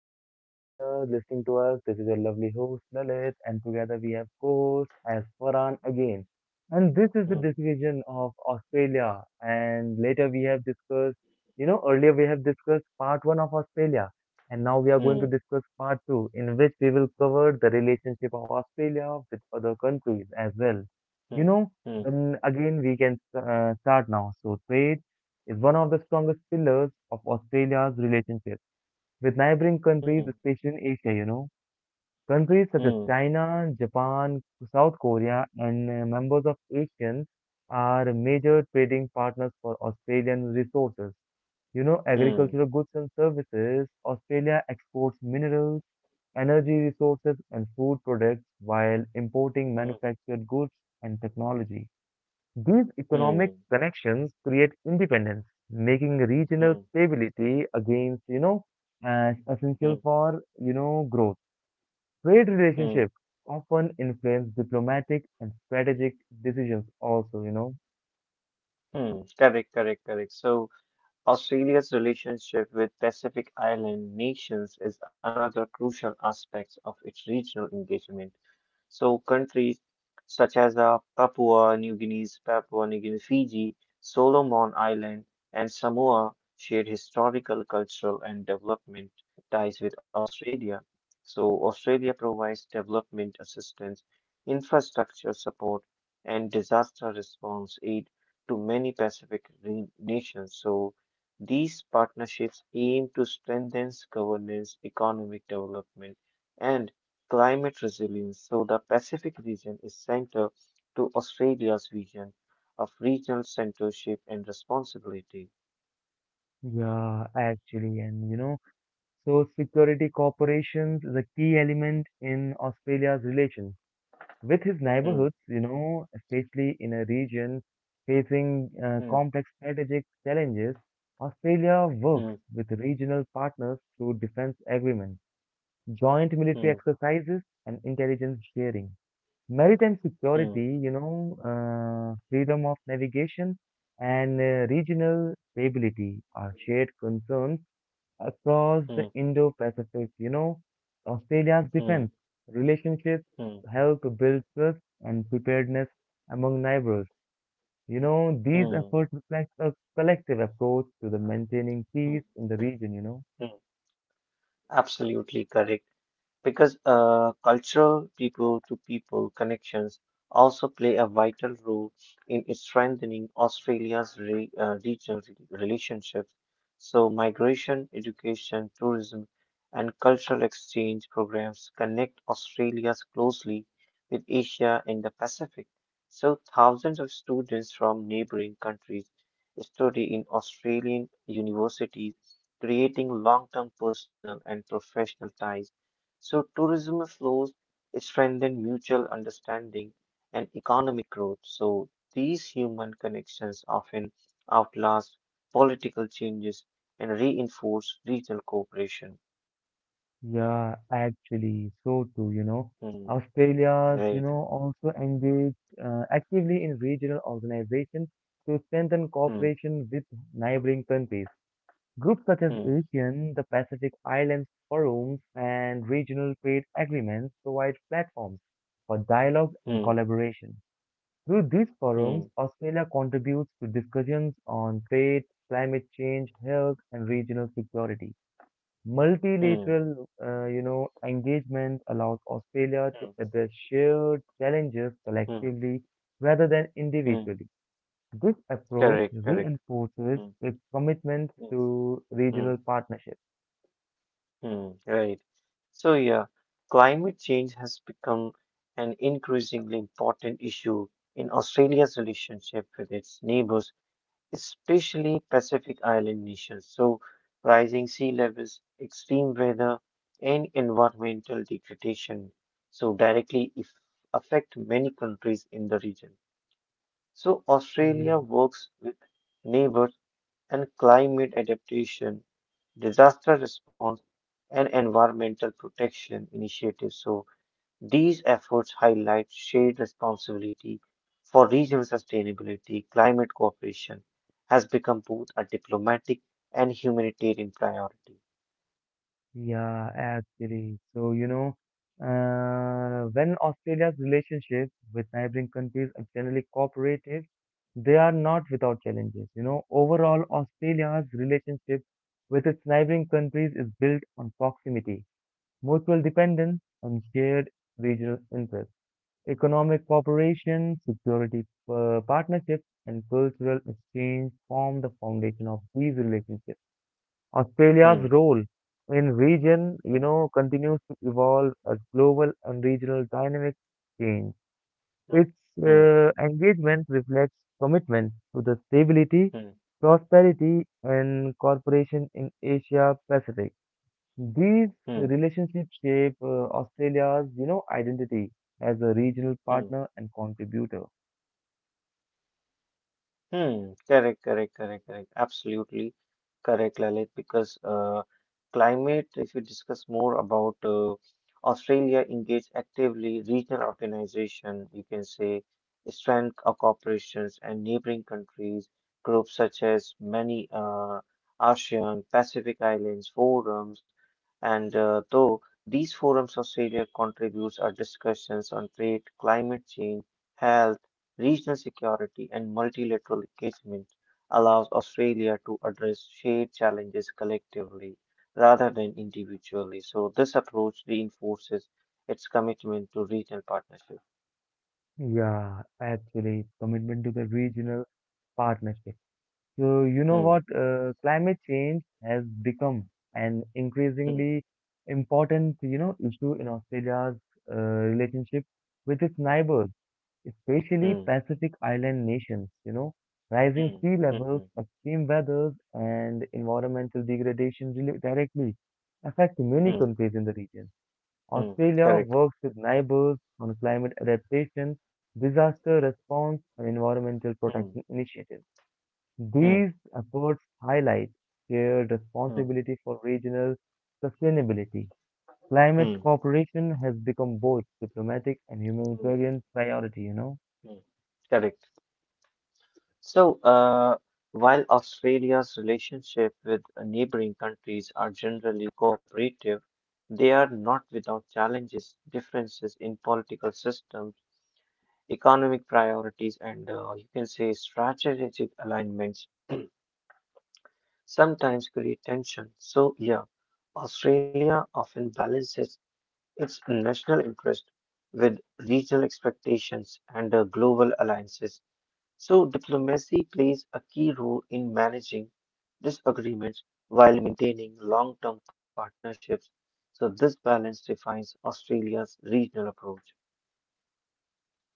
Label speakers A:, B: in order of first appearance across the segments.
A: hello every listener listening to us. This is your lovely host Lalit, and together we have co-host as Faran again. And this is the
B: Hmm.
A: discussion of Australia, and later we have discussed, earlier we have discussed part one of Australia, and now we are going
B: Hmm.
A: to discuss part two, in which we will cover the relationship of Australia with other countries as well. You
B: Hmm.
A: know, then again we can start now. So trade is one of the strongest pillars of Australia's relationship with neighboring
B: Hmm.
A: countries, especially in Asia, you know. Countries such
B: Hmm.
A: as China, Japan, South Korea, and members of ASEAN are major trading partners for Australian resources. You know,
B: Hmm.
A: agricultural goods and services, Australia exports minerals, energy resources, and food products while importing
B: Hmm.
A: manufactured goods and technology. These
B: Hmm.
A: economic connections create independence, making
B: Hmm. Hmm.
A: regional stability against, as
B: Hmm.
A: essential for, growth. Trade
B: Hmm.
A: relationships often influence diplomatic and strategic decisions also, you know.
B: Hmm. Correct, correct, correct. So, Australia's relationship with Pacific Island nations is another crucial aspect of its regional engagement. So countries such as Papua New Guinea, Fiji, Solomon Island, and Samoa share historical, cultural, and development ties with Australia. So Australia provides development assistance, infrastructure support, and disaster response aid to many nations. So these partnerships aim to strengthen governance, economic development, and climate resilience. So the Pacific region is central to Australia's vision of regional centership and responsibility.
A: Yeah, actually, and you know, so security corporations is a key element in Australia's relations with his
B: Hmm,
A: neighborhoods, you know, especially in a region facing
B: hmm,
A: complex strategic challenges. Australia
B: hmm,
A: works with regional partners through defense agreements, joint
B: hmm,
A: military exercises, and intelligence sharing. Maritime
B: hmm,
A: security, you know, freedom of navigation, and regional stability are shared concerns across the
B: hmm,
A: Indo Pacific. You know, Australia's defense
B: hmm,
A: relationships
B: hmm,
A: help build trust and preparedness among neighbors. You know, these
B: hmm,
A: efforts reflect a collective approach to the maintaining peace
B: hmm,
A: in the region, you know.
B: hmm. Absolutely correct, because cultural people to people connections also play a vital role in strengthening Australia's regional relationships. So migration, education, tourism, and cultural exchange programs connect Australia closely with Asia and the Pacific. So thousands of students from neighboring countries study in Australian universities, creating long term personal and professional ties. So tourism flows strengthen mutual understanding and economic growth. So these human connections often outlast political changes and reinforce regional cooperation.
A: Yeah, actually, so too, you know.
B: Hmm,
A: Australia's, you
B: right.
A: know, also engaged actively in regional organizations to strengthen
B: Hmm,
A: cooperation with neighboring countries. Groups such as
B: hmm,
A: ASEAN, the Pacific Islands Forums, and regional trade agreements provide platforms for dialogue and
B: hmm,
A: collaboration. Through these forums,
B: hmm,
A: Australia contributes to discussions on trade, climate change, health, and regional security.
B: hmm,
A: Multilateral, you know, engagement allows Australia to
B: hmm,
A: address shared challenges
B: hmm,
A: collectively rather than
B: hmm.
A: individually. This approach
B: Correct, correct.
A: reinforces
B: Hmm,
A: its commitment
B: hmm,
A: to regional
B: hmm.
A: partnership.
B: Hmm, right. So yeah, climate change has become an increasingly important issue in Australia's relationship with its neighbors, especially Pacific Island nations. So rising sea levels, extreme weather, and environmental degradation so directly if affect many countries in the region. So
A: Yeah.
B: Australia works with neighbors and climate adaptation, disaster response and environmental protection initiatives. So these efforts highlight shared responsibility for regional sustainability. Climate cooperation has become both a diplomatic and humanitarian priority.
A: Yeah, actually. So, you know, when Australia's relationships with neighboring countries are generally cooperative, they are not without challenges. You know, overall, Australia's relationship with its neighboring countries is built on proximity, mutual dependence, and shared regional interests. Economic cooperation, security partnerships, and cultural exchange form the foundation of these relationships. Australia's
B: Hmm,
A: role in region,
B: hmm,
A: you know, continues to evolve as global and regional dynamics change.
B: hmm,
A: Its
B: hmm,
A: engagement reflects commitment to the stability,
B: hmm,
A: prosperity, and cooperation in Asia Pacific. These
B: hmm,
A: relationships shape Australia's, you know, identity as a regional
B: hmm, hmm.
A: partner and contributor.
B: Hmm, correct, correct, correct, correct. Absolutely correct, Lalit, because climate, if you discuss more about Australia, engage actively regional organization, you can say strength of corporations and neighboring countries, groups such as many ASEAN, Pacific Islands forums, and though these forums Australia contributes our discussions on trade, climate change, health, regional security and multilateral engagement allows Australia to address shared challenges collectively rather than individually. So this approach reinforces its commitment to regional partnership.
A: Yeah, actually, commitment to the regional partnership. So, you know
B: Hmm,
A: what? Climate change has become an
B: hmm,
A: increasingly important, you know, issue in Australia's relationship with its neighbors, especially
B: hmm,
A: Pacific Island nations, you know. Rising
B: hmm,
A: sea
B: hmm,
A: levels,
B: hmm,
A: extreme weathers, and environmental degradation really directly affect many
B: hmm,
A: countries in the region.
B: hmm.
A: Australia
B: Correct.
A: works with neighbors on climate adaptation, disaster response, and environmental
B: Hmm,
A: protection initiatives.
B: hmm,
A: These efforts highlight shared
B: hmm,
A: responsibility for regional sustainability. Climate
B: hmm,
A: cooperation has become both diplomatic and
B: hmm,
A: humanitarian priority, you know.
B: hmm. Correct. So, while Australia's relationship with neighboring countries are generally cooperative, they are not without challenges, differences in political systems, economic priorities, and you can say strategic alignments sometimes create tension. So yeah, Australia often balances its national interest with regional expectations and global alliances. So diplomacy plays a key role in managing disagreements while maintaining long term partnerships. So this balance defines Australia's regional approach.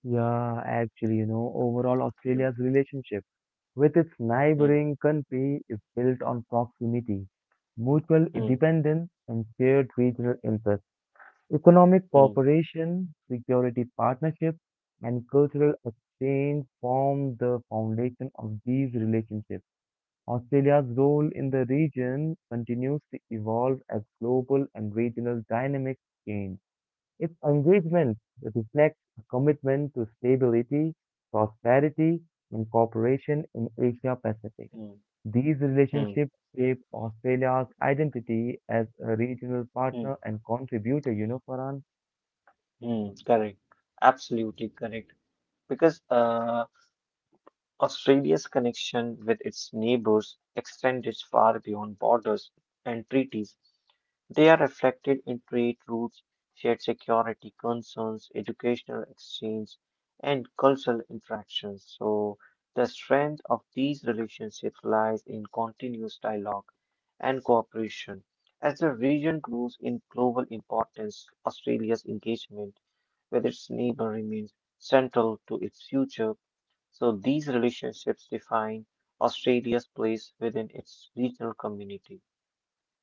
A: Yeah, actually, you know, overall, Australia's
B: Hmm,
A: relationship with its
B: hmm,
A: neighboring country is built on proximity, mutual
B: hmm,
A: dependence, and shared regional interests. Economic
B: hmm,
A: cooperation, security partnerships, and cultural exchange form the foundation of these relationships. Australia's role in the region continues to evolve as global and regional dynamics change. If engagement reflects a commitment to stability, prosperity, and cooperation in Asia Pacific,
B: hmm,
A: these
B: hmm,
A: relationships shape Australia's identity as a regional
B: hmm,
A: partner and contributor, you know, Farhan?
B: hmm, correct. Absolutely correct. Because Australia's connection with its neighbors extended far beyond borders and treaties. They are reflected in trade routes, shared security concerns, educational exchange, and cultural interactions. So the strength of these relationships lies in continuous dialogue and cooperation. As the region grows in global importance, Australia's engagement with its neighbor remains central to its future, so these relationships define Australia's place within its regional community.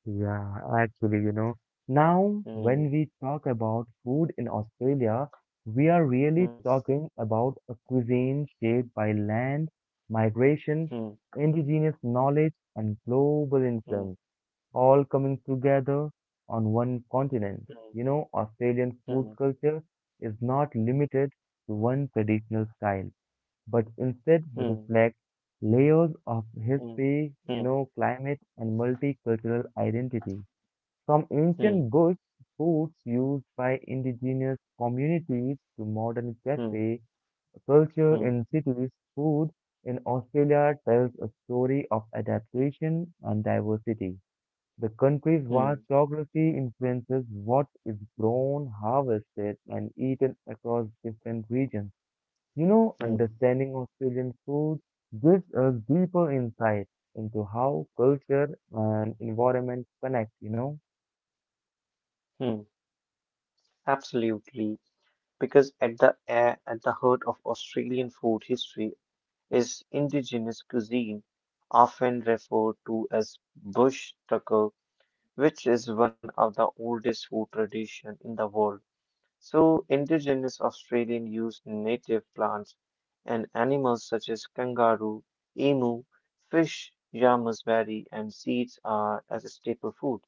A: Yeah, actually, you know, now when
B: Hmm,
A: we talk about food in Australia, we are really
B: hmm,
A: talking about a cuisine shaped by land, migration,
B: hmm,
A: indigenous knowledge, and global
B: hmm,
A: influence, all coming together on one continent. You know, Australian food
B: hmm,
A: culture is not limited to one traditional style, but instead
B: hmm,
A: reflects layers of
B: hmm,
A: history, you
B: hmm,
A: know, climate, and multicultural identity. From
B: hmm,
A: ancient goods, foods used by indigenous communities to modern
B: hmm, hmm,
A: cafe culture
B: hmm,
A: in cities, food in Australia tells a story of adaptation and diversity. The country's vast
B: hmm,
A: geography influences what is grown, harvested, and eaten across different regions. You know,
B: hmm,
A: understanding Australian food gives us deeper insight into how culture and environment connect, you know?
B: hmm. Absolutely, because at the heart of Australian food history is indigenous cuisine, often referred to as bush tucker, which is one of the oldest food tradition in the world. So indigenous Australians used native plants and animals such as kangaroo, emu, fish, yamas berry, and seeds are as a staple food.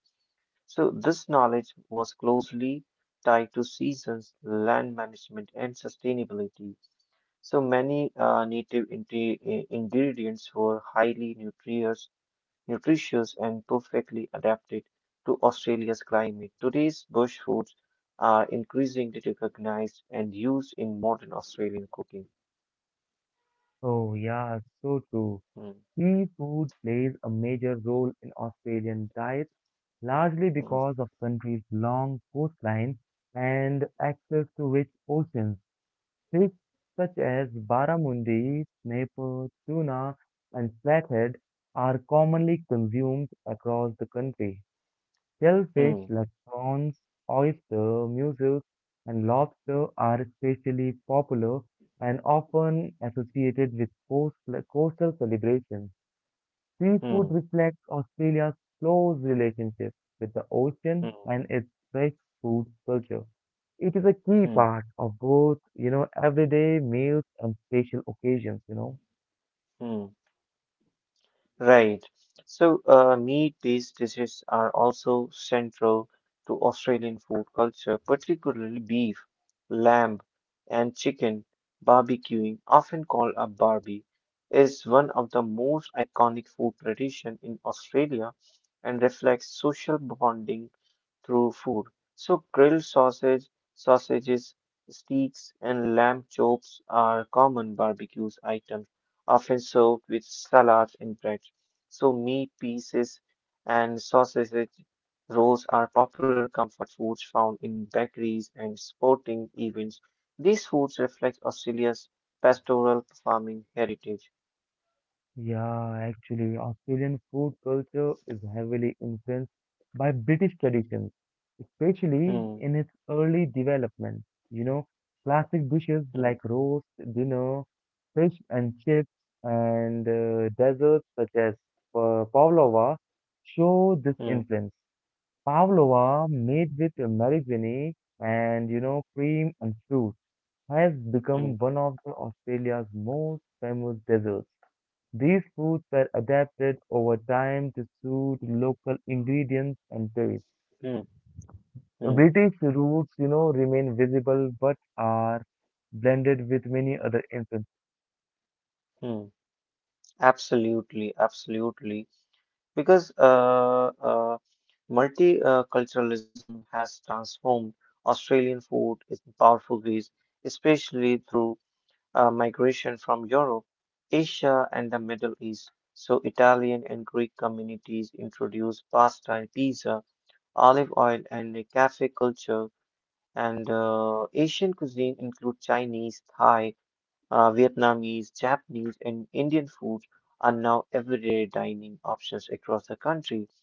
B: So this knowledge was closely tied to seasons, land management, and sustainability. So many native ingredients were highly nutritious and perfectly adapted to Australia's climate. Today's bush foods are increasingly recognized and used in modern Australian cooking.
A: Oh, yeah, so true.
B: Hmm,
A: Seafood plays a major role in Australian diet, largely
B: hmm,
A: because of country's long coastline and access to rich oceans. Fish such as barramundi, snapper, tuna, and flathead are commonly consumed across the country.
B: hmm,
A: Shellfish like prawns, oyster, mussels, and lobster are especially popular and often associated with coastal celebrations.
B: hmm,
A: Seafood reflects Australia's close relationship with the
B: hmm,
A: ocean
B: hmm,
A: and its fresh food culture. It is a key
B: hmm,
A: part of both, you know, everyday meals and special occasions, you know.
B: hmm. Right. So, meat-based dishes are also central to Australian food culture, particularly beef, lamb, and chicken. Barbecuing, often called a barbie, is one of the most iconic food tradition in Australia and reflects social bonding through food. So grilled sausages, steaks, and lamb chops are common barbecues items, often served with salads and bread. So meat pieces and sausage rolls are popular comfort foods found in bakeries and sporting events. These foods reflect Australia's pastoral farming heritage.
A: Yeah, actually, Australian food culture is heavily influenced by British traditions, especially
B: Hmm,
A: in its early development. You know, classic dishes
B: hmm,
A: like roast dinner, fish and chips, and desserts such as pavlova show this
B: hmm,
A: influence. Pavlova, made with marigold and, you know, cream and fruit, has
B: hmm,
A: become one of the Australia's most famous desserts. These foods were adapted over time to suit local ingredients and tastes.
B: hmm, hmm,
A: British roots, you know, remain visible but are blended with many other influences.
B: hmm. Absolutely, absolutely, because multiculturalism has transformed Australian food in powerful ways, especially through migration from Europe, Asia, and the Middle East. So Italian and Greek communities introduced pasta and pizza, olive oil, and the cafe culture. And Asian cuisine include Chinese, Thai, Vietnamese, Japanese, and Indian food, are now everyday dining options across the country.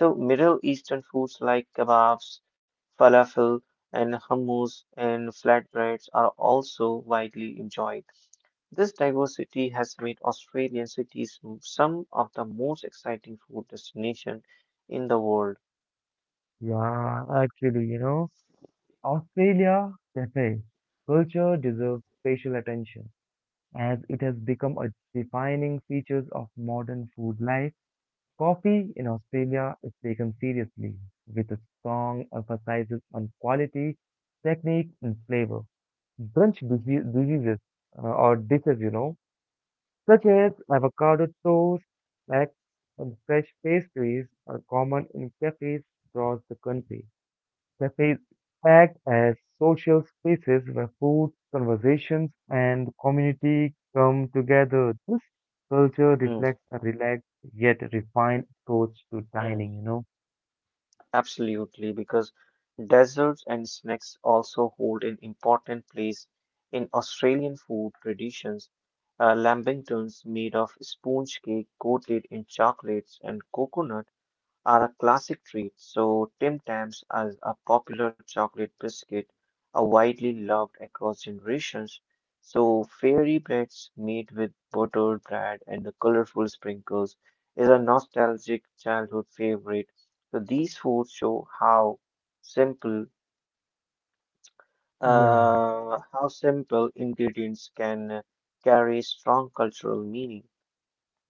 B: So Middle Eastern foods like kebabs, falafel, and hummus and flatbreads are also widely enjoyed. This diversity has made Australian some of the most exciting food destinations in the world.
A: Yeah, actually, you know, Australia cafe culture deserves special attention as it has become a defining feature of modern food life. Coffee in Australia is taken seriously with a strong emphasis on quality, technique, and flavor. Brunch dise- diseases or dishes, you know, such as avocado toast, snacks, and fresh pastries are common in cafes across the country. Cafes act as social spaces where food, conversations, and community come together. This culture
B: Mm,
A: reflects a relaxed yet refined approach to
B: mm,
A: dining, you know.
B: absolutely, because desserts and snacks also hold an important place in Australian food traditions. Lambingtons made of sponge cake coated in chocolates and coconut are a classic treat, so Tim Tams as a popular chocolate biscuit are widely loved across generations. So fairy breads made with buttered bread and the colorful sprinkles is a nostalgic childhood favorite. So these foods show simple
A: Yeah.
B: how simple ingredients can carry strong cultural meaning.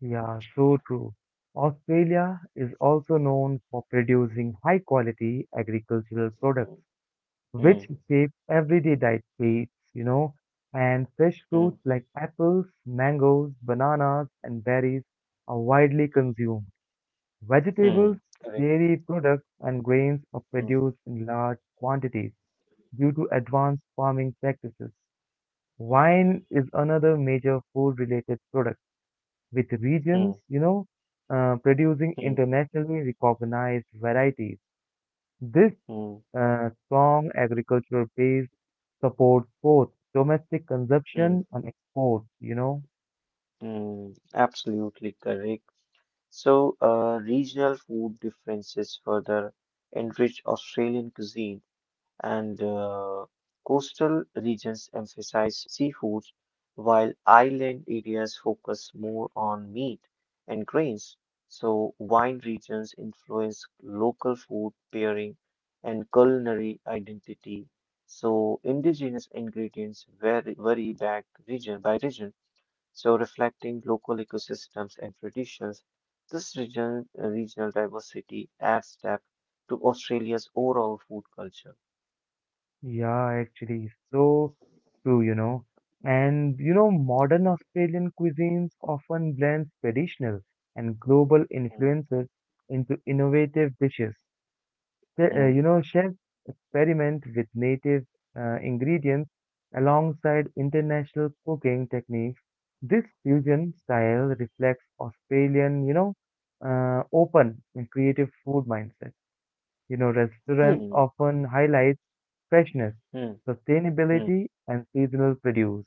A: Yeah, so true. Australia is also known for producing high quality agricultural products,
B: Hmm,
A: which
B: hmm,
A: shape everyday diet plates, you know, and fresh
B: hmm,
A: fruits like apples, mangoes, bananas, and berries are widely consumed.
B: hmm.
A: Vegetables,
B: Correct.
A: dairy products, and grains are
B: Hmm,
A: produced in large quantities due to advanced farming practices. Wine is another major food related product with regions,
B: hmm,
A: producing
B: hmm,
A: internationally recognized varieties. This
B: hmm,
A: strong agricultural base supports both domestic
B: hmm.
A: consumption and exports, you know.
B: Mm, absolutely correct. So, regional food differences further enrich Australian cuisine, and coastal regions emphasize seafoods, while island areas focus more on meat and grains. So wine regions influence local food pairing and culinary identity. So indigenous ingredients vary back region by region. So reflecting local ecosystems and traditions, regional diversity adds depth to Australia's overall food culture.
A: Yeah, actually, so true, you know. And you know, modern Australian cuisines often blends traditional and global
B: Hmm,
A: influences into innovative dishes.
B: hmm,
A: You know, chefs experiment with native ingredients alongside international cooking techniques. This fusion style reflects Australian, open and creative food mindset. You know, restaurants often highlight freshness,
B: hmm, hmm, hmm,
A: sustainability, and seasonal produce.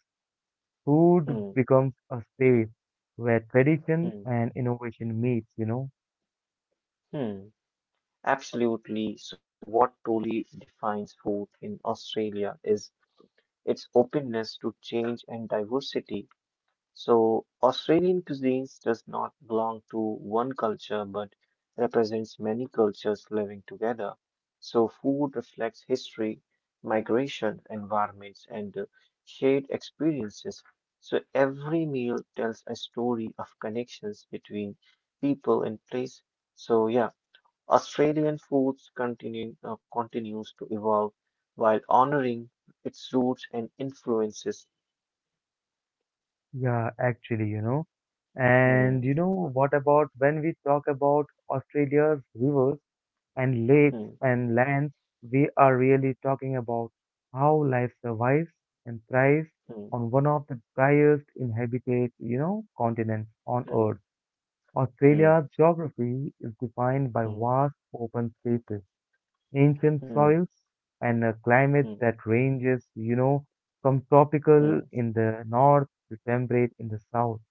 A: Food
B: hmm,
A: becomes a space where tradition
B: hmm,
A: and innovation meets, you know.
B: hmm. Absolutely. So what truly defines food in Australia is its openness to change and diversity. So Australian cuisines does not belong to one culture but represents many cultures living together. So food reflects history, migration, environments, and shared experiences. So every meal tells a story of connections between people and place. So yeah, Australian foods continues to evolve while honoring its roots and influences.
A: Yeah, actually, you know. And
B: Hmm,
A: you know, what about when we talk about Australia's rivers and lakes
B: hmm,
A: and lands, we are really talking about how life survives and thrives
B: hmm.
A: on one of the driest inhabited, you know, continents on Earth.
B: Hmm. Mm,
A: Australia's geography is defined by
B: mm,
A: vast open spaces, ancient
B: mm,
A: soils, and a climate
B: mm,
A: that ranges, you know, from
B: mm,
A: tropical in the north to temperate in the south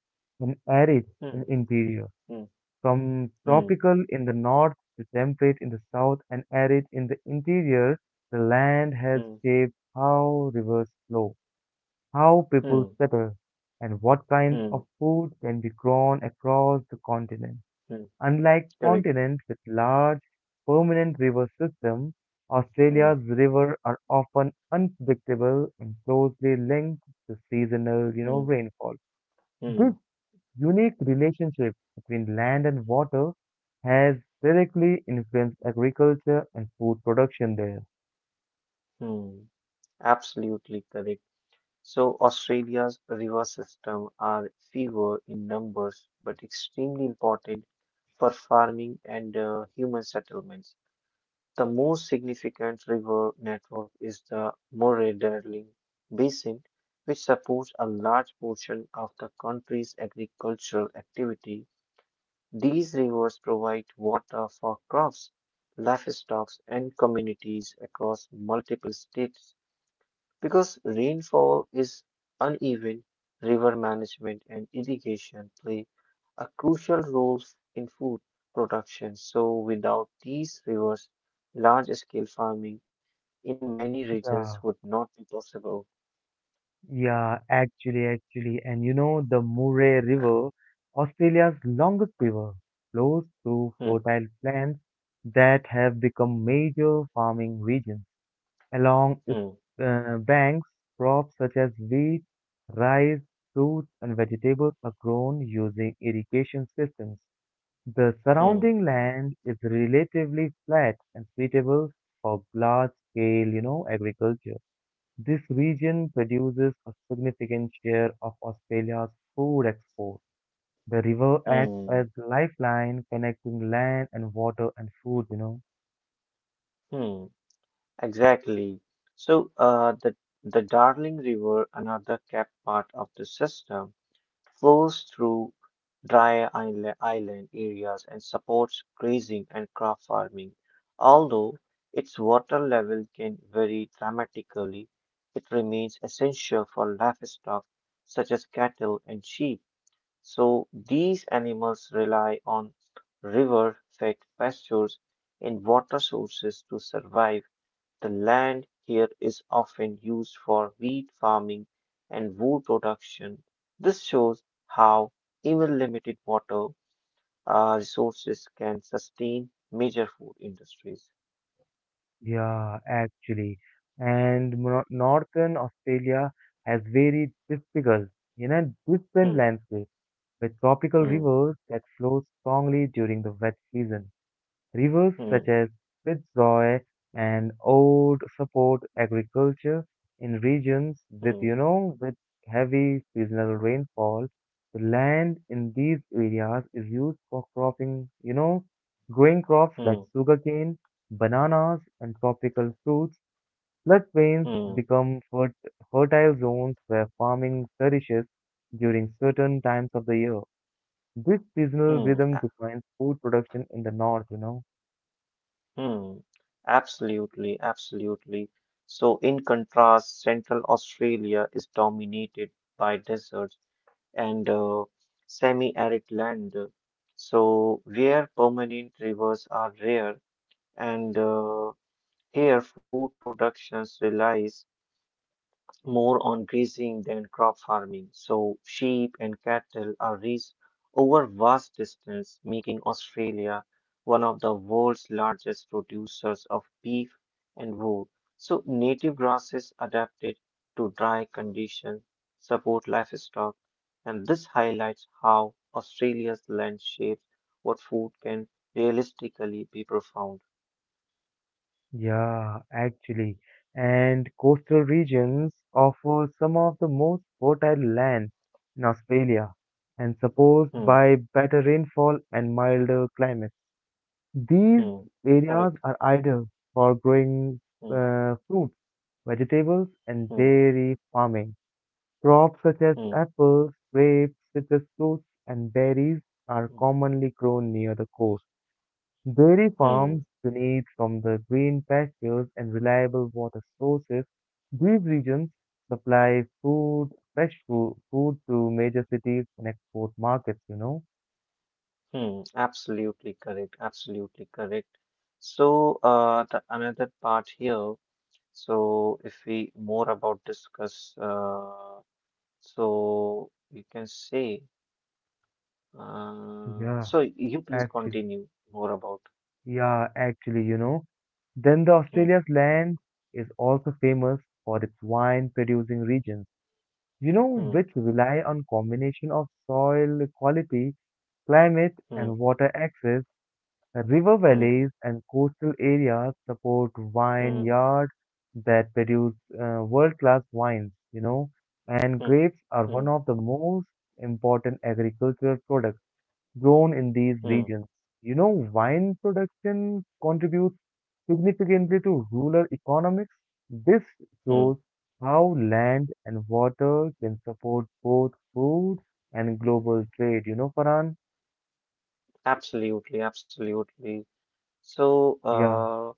A: and arid
B: mm,
A: in interior.
B: mm,
A: From
B: mm,
A: tropical in the north to temperate in the south and arid in the interior, the land has
B: mm,
A: shaped how rivers flow, how people
B: mm,
A: settle, and what kind of
B: mm,
A: food can be grown across the continent.
B: mm.
A: Unlike
B: Correct.
A: continents with large, permanent river systems,
B: Mm,
A: Australia's rivers are often unpredictable and closely linked to seasonal, you know,
B: mm,
A: rainfall.
B: mm,
A: This unique relationship between land and water has directly influenced agriculture and food production there.
B: mm. Absolutely correct. So Australia's river system are fewer in numbers but extremely important for farming and human settlements. The most significant river network is the Murray Darling Basin, which supports a large portion of the country's agricultural activity. These rivers provide water for crops, livestock, and communities across multiple states. Because rainfall is uneven, river management and irrigation play a crucial role in food production. So without these rivers, large scale farming in many regions would
A: Yeah.
B: not be possible.
A: Yeah, actually, actually. And you know, the Murray River, Australia's longest river, flows through
B: Hmm,
A: fertile lands that have become major farming regions. Along
B: hmm,
A: its banks, crops such as wheat, rice, fruits, and vegetables are grown using irrigation systems. The
B: hmm,
A: surrounding land is relatively flat and suitable for large-scale, you know, agriculture. This region produces a significant share of Australia's food export. The river acts
B: hmm,
A: as lifeline connecting land and water and food, you know.
B: hmm. Exactly. So, the Darling River, another capped part of the system, flows through dry island areas and supports grazing and crop farming. Although its water level can vary dramatically, it remains essential for livestock such as cattle and sheep. So these animals rely on river-fed pastures and water sources to survive. The land here is often used for wheat farming and wood production. This shows how even limited water resources can sustain major food industries.
A: Yeah, actually. And northern Australia has very different
B: Hmm,
A: landscape with tropical
B: hmm,
A: rivers that flow strongly during the wet season. Rivers
B: hmm,
A: such as Pitzoy and Ord support agriculture in regions
B: hmm,
A: with heavy seasonal rainfall. The land in these areas is used for cropping, you know, growing crops
B: hmm,
A: like sugarcane, bananas, and tropical fruits. Floodplains
B: hmm,
A: become fertile zones where farming flourishes during certain times of the year. This seasonal
B: hmm,
A: rhythm
B: a-
A: defines food production in the north, you know.
B: hmm. Absolutely, absolutely. So in contrast, Central Australia is dominated by deserts and semi-arid land. So where permanent rivers are rare and here food productions relies more on grazing than crop farming, so sheep and cattle are raised over vast distance, making Australia one of the world's largest producers of beef and wool. So native grasses adapted to dry conditions support livestock, and this highlights how Australia's land shapes what food can realistically be profound.
A: Yeah, actually. And coastal regions offer some of the most fertile land in Australia and supposed
B: Hmm,
A: by better rainfall and milder climates. These
B: hmm, correct.
A: areas are ideal for growing
B: Hmm,
A: fruits, vegetables,
B: hmm,
A: and dairy farming. Crops such as
B: hmm,
A: apples, grapes, citrus fruits, and berries are
B: hmm,
A: commonly grown near the coast. Dairy
B: hmm.
A: farms benefit from the green pastures and reliable water sources. These regions supply food to major cities and export markets, you know.
B: Hmm, absolutely correct, absolutely correct. So, the another part here. So if we more about discuss, so you can say,
A: Yeah,
B: so you please
A: actually.
B: continue more about.
A: Yeah, actually, you know. Then the
B: Hmm,
A: Australia's land is also famous for its wine producing regions, you know,
B: hmm,
A: which rely on combination of soil quality, climate, and
B: hmm,
A: water access. The river valleys and coastal areas support
B: hmm,
A: vineyards that produce world-class wines, you know, and
B: hmm,
A: grapes are
B: hmm, hmm,
A: one of the most important agricultural products grown in these
B: hmm, hmm.
A: regions. You know, wine production contributes significantly to rural economics. This shows
B: Hmm,
A: how land and water can support both food and global trade, you know, Farhan?
B: absolutely, absolutely. So,
A: Yeah.
B: uh,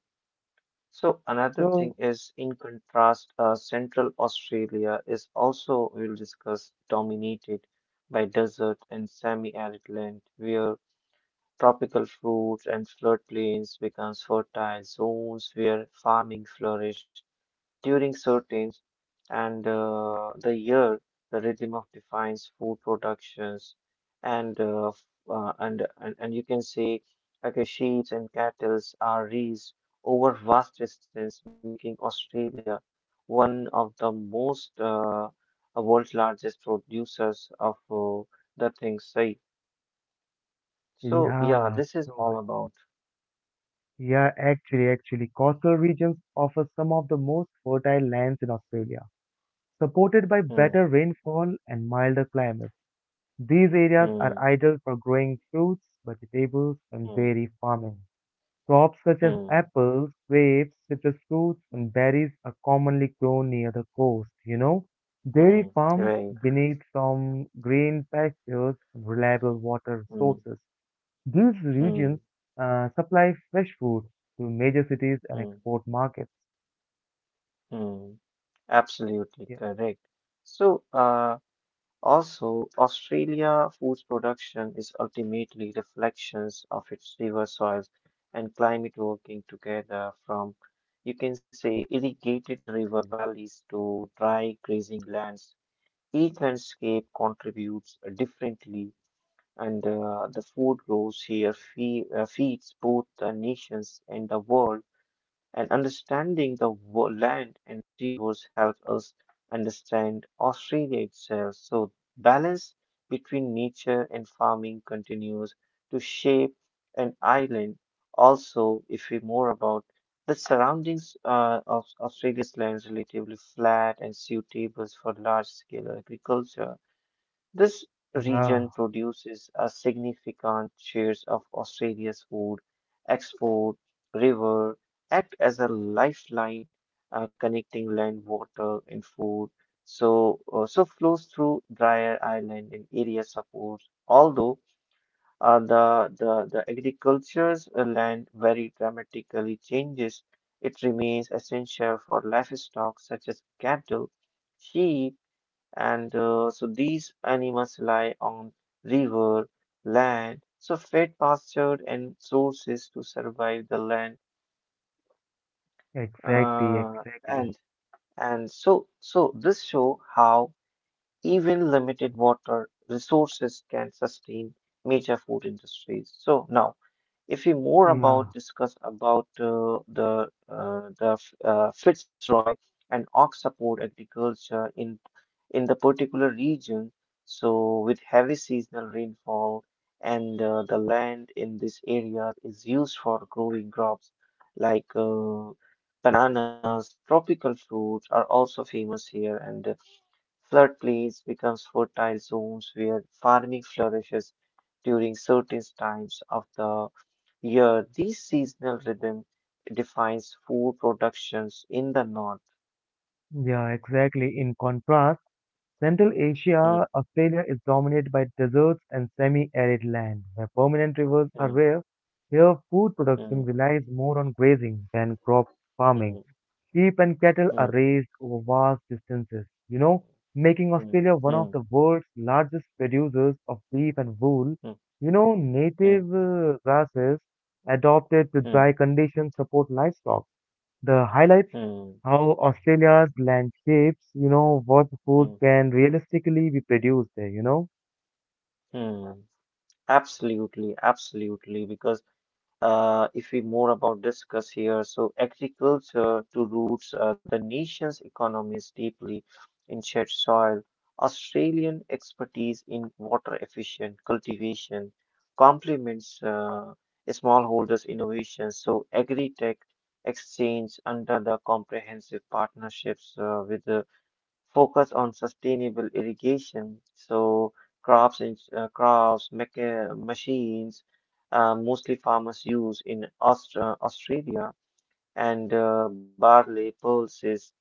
B: So another thing
A: So,
B: is, in contrast, Central Australia is also, we'll discuss, dominated by desert and semi-arid land, where tropical fruits and floodplains becomes fertile zones where farming flourished during certain and the year the rhythm of defines food productions and and you can say like sheep and cattle are raised over vast distance making australia one of the most world's largest producers of the things say so yeah
A: yeah,
B: this is
A: so well.
B: all about.
A: Yeah, actually, coastal regions offer some of the most fertile lands in Australia, supported by
B: Hmm,
A: better rainfall and milder climates. These areas are
B: hmm,
A: ideal for growing fruits, vegetables, and
B: hmm,
A: dairy farming. Crops such as
B: hmm,
A: apples, grapes, citrus fruits, and berries are commonly grown near the coast, you know. Dairy
B: hmm,
A: farms
B: right,
A: benefit from green pastures and reliable water
B: hmm,
A: sources. These regions
B: hmm,
A: supply fresh food to major cities and
B: hmm,
A: export markets.
B: hmm. Absolutely
A: Yeah,
B: correct. So, also, Australia food production is ultimately reflections of its river soils and climate working together from, you can say, irrigated river valleys to dry grazing lands. Each landscape contributes differently, and the food grows here fe feeds both the nations and the world and understanding the land and rivers helps us understand Australia itself. So balance between nature and farming continues to shape an island. Also, if we more about the surroundings of Australia's lands relatively flat and suitable for large-scale agriculture, this region
A: yeah,
B: produces a significant shares of Australia's food export. River act as a lifeline connecting land, water, and food. So, so flows through drier island and area supports. Although uh, the the agriculture's land very dramatically changes, it remains essential for livestock such as cattle, sheep and so these animals lie on river, land, so fed pasture and sources to survive the land.
A: exactly,
B: Uh,
A: exactly.
B: and and so so this show how even limited water resources can sustain major food industries. So now, if we more about
A: Yeah,
B: discuss about the Fitzroy and ox support agriculture in the particular region, so with heavy seasonal rainfall and the land in this area is used for growing crops like bananas, tropical fruits are also famous here, and flood plains becomes fertile zones where farming flourishes during certain times of the year. This seasonal rhythm defines food productions in the north.
A: yeah, exactly. In contrast, Central Asia,
B: Mm,
A: Australia is dominated by deserts and semi-arid land, where permanent rivers are
B: mm,
A: rare. Here, food production
B: mm,
A: relies more on grazing than crop farming.
B: mm,
A: Sheep and cattle
B: mm,
A: are raised over vast distances, you know, making
B: mm,
A: Australia one of
B: mm,
A: the world's largest producers of beef and wool.
B: mm,
A: You know,
B: mm,
A: native grasses adopted to
B: mm,
A: dry conditions support livestock. The highlights
B: mm,
A: how Australia's land shapes, you know, what
B: mm,
A: food can realistically be produced there, you know.
B: mm. Absolutely, absolutely, because if we more about discuss here. So agriculture to roots the nation's economies deeply in shared soil. Australian expertise in water efficient cultivation complements smallholders' innovations. So agri-tech exchange under the comprehensive partnerships with the focus on sustainable irrigation. So crops and crops, machines, mostly farmers use in Australia and barley pulses.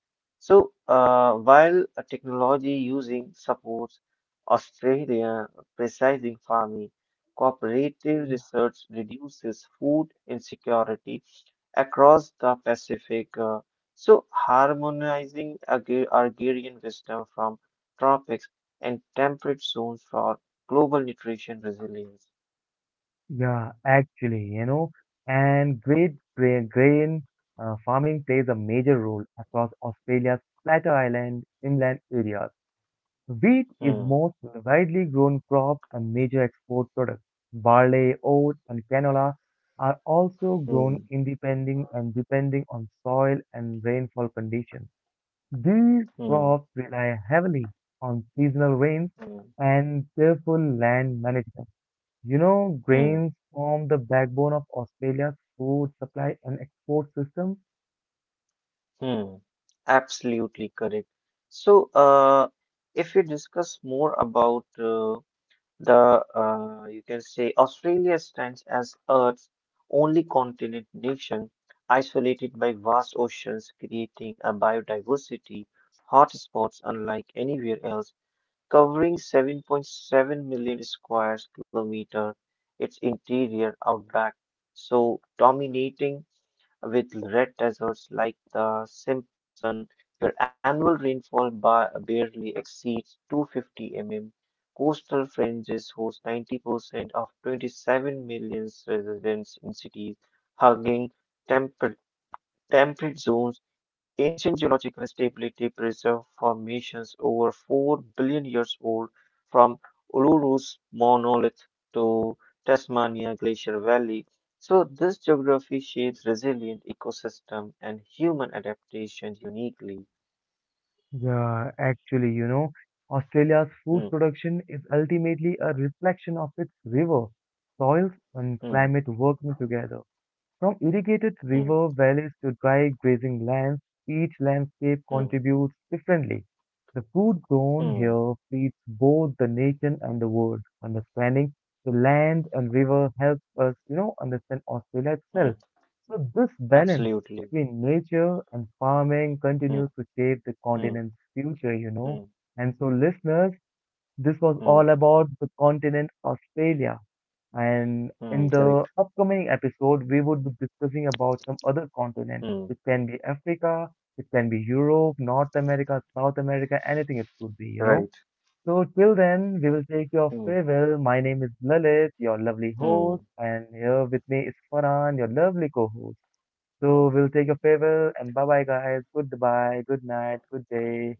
B: So, while a technology using supports Australia precision farming, cooperative research reduces food insecurity across the Pacific. So harmonizing agrarian wisdom from tropics and temperate zones for global nutrition resilience.
A: Yeah, actually, you know, and great grain farming plays a major role across Australia's Plateau Island inland areas. Wheat is
B: Hmm,
A: most widely grown crop and major export product. Barley, oat, and canola are also grown
B: hmm,
A: independent and depending on soil and rainfall conditions. These
B: hmm,
A: crops rely heavily on seasonal rains
B: hmm,
A: and careful land management. You know,
B: hmm.
A: grains form the backbone of Australia's food supply and export system.
B: Hmm, absolutely correct. So, if you discuss more about you can say Australia stands as Earth's only continent nation, isolated by vast oceans, creating a biodiversity hotspots unlike anywhere else, covering 7.7 million square kilometer, its interior outback, so dominating with red deserts like the Simpson, where annual rainfall barely exceeds 250 mm. Coastal fringes host 90% of 27 million residents in cities, hugging temperate Temperate zones, ancient geological stability preserve formations over 4 billion years old, from Uluru's monolith to Tasmania Glacier Valley. So this geography shapes resilient ecosystem and human adaptation uniquely.
A: Yeah, actually, you know, Australia's food
B: Hmm,
A: production is ultimately a reflection of its river, soils, and
B: hmm,
A: climate working together. From irrigated
B: hmm,
A: river valleys to dry grazing lands, each landscape
B: hmm,
A: contributes differently. The food grown
B: hmm,
A: here feeds both the nation and the world. Understanding the land and river helps us, you know, understand Australia
B: hmm.
A: itself. So this balance
B: Absolutely.
A: between nature and farming
B: Hmm,
A: continues to shape the
B: hmm,
A: continent's future, you know.
B: hmm,
A: And so listeners, this was all
B: hmm,
A: about the continent Australia. And in
B: hmm.
A: the
B: Correct.
A: upcoming episode, we would be discussing about some other continent.
B: Hmm.
A: It can be Africa, it can be Europe, North America, South America, anything it could be, you
B: Right.
A: know. So till then, we will take your
B: Hmm,
A: farewell. My name is Lalit, your lovely host,
B: hmm,
A: and here with me is Farhan, your lovely co-host.
B: hmm,
A: So we'll take your farewell and bye bye guys. Goodbye, good night, good
B: hmm.
A: day.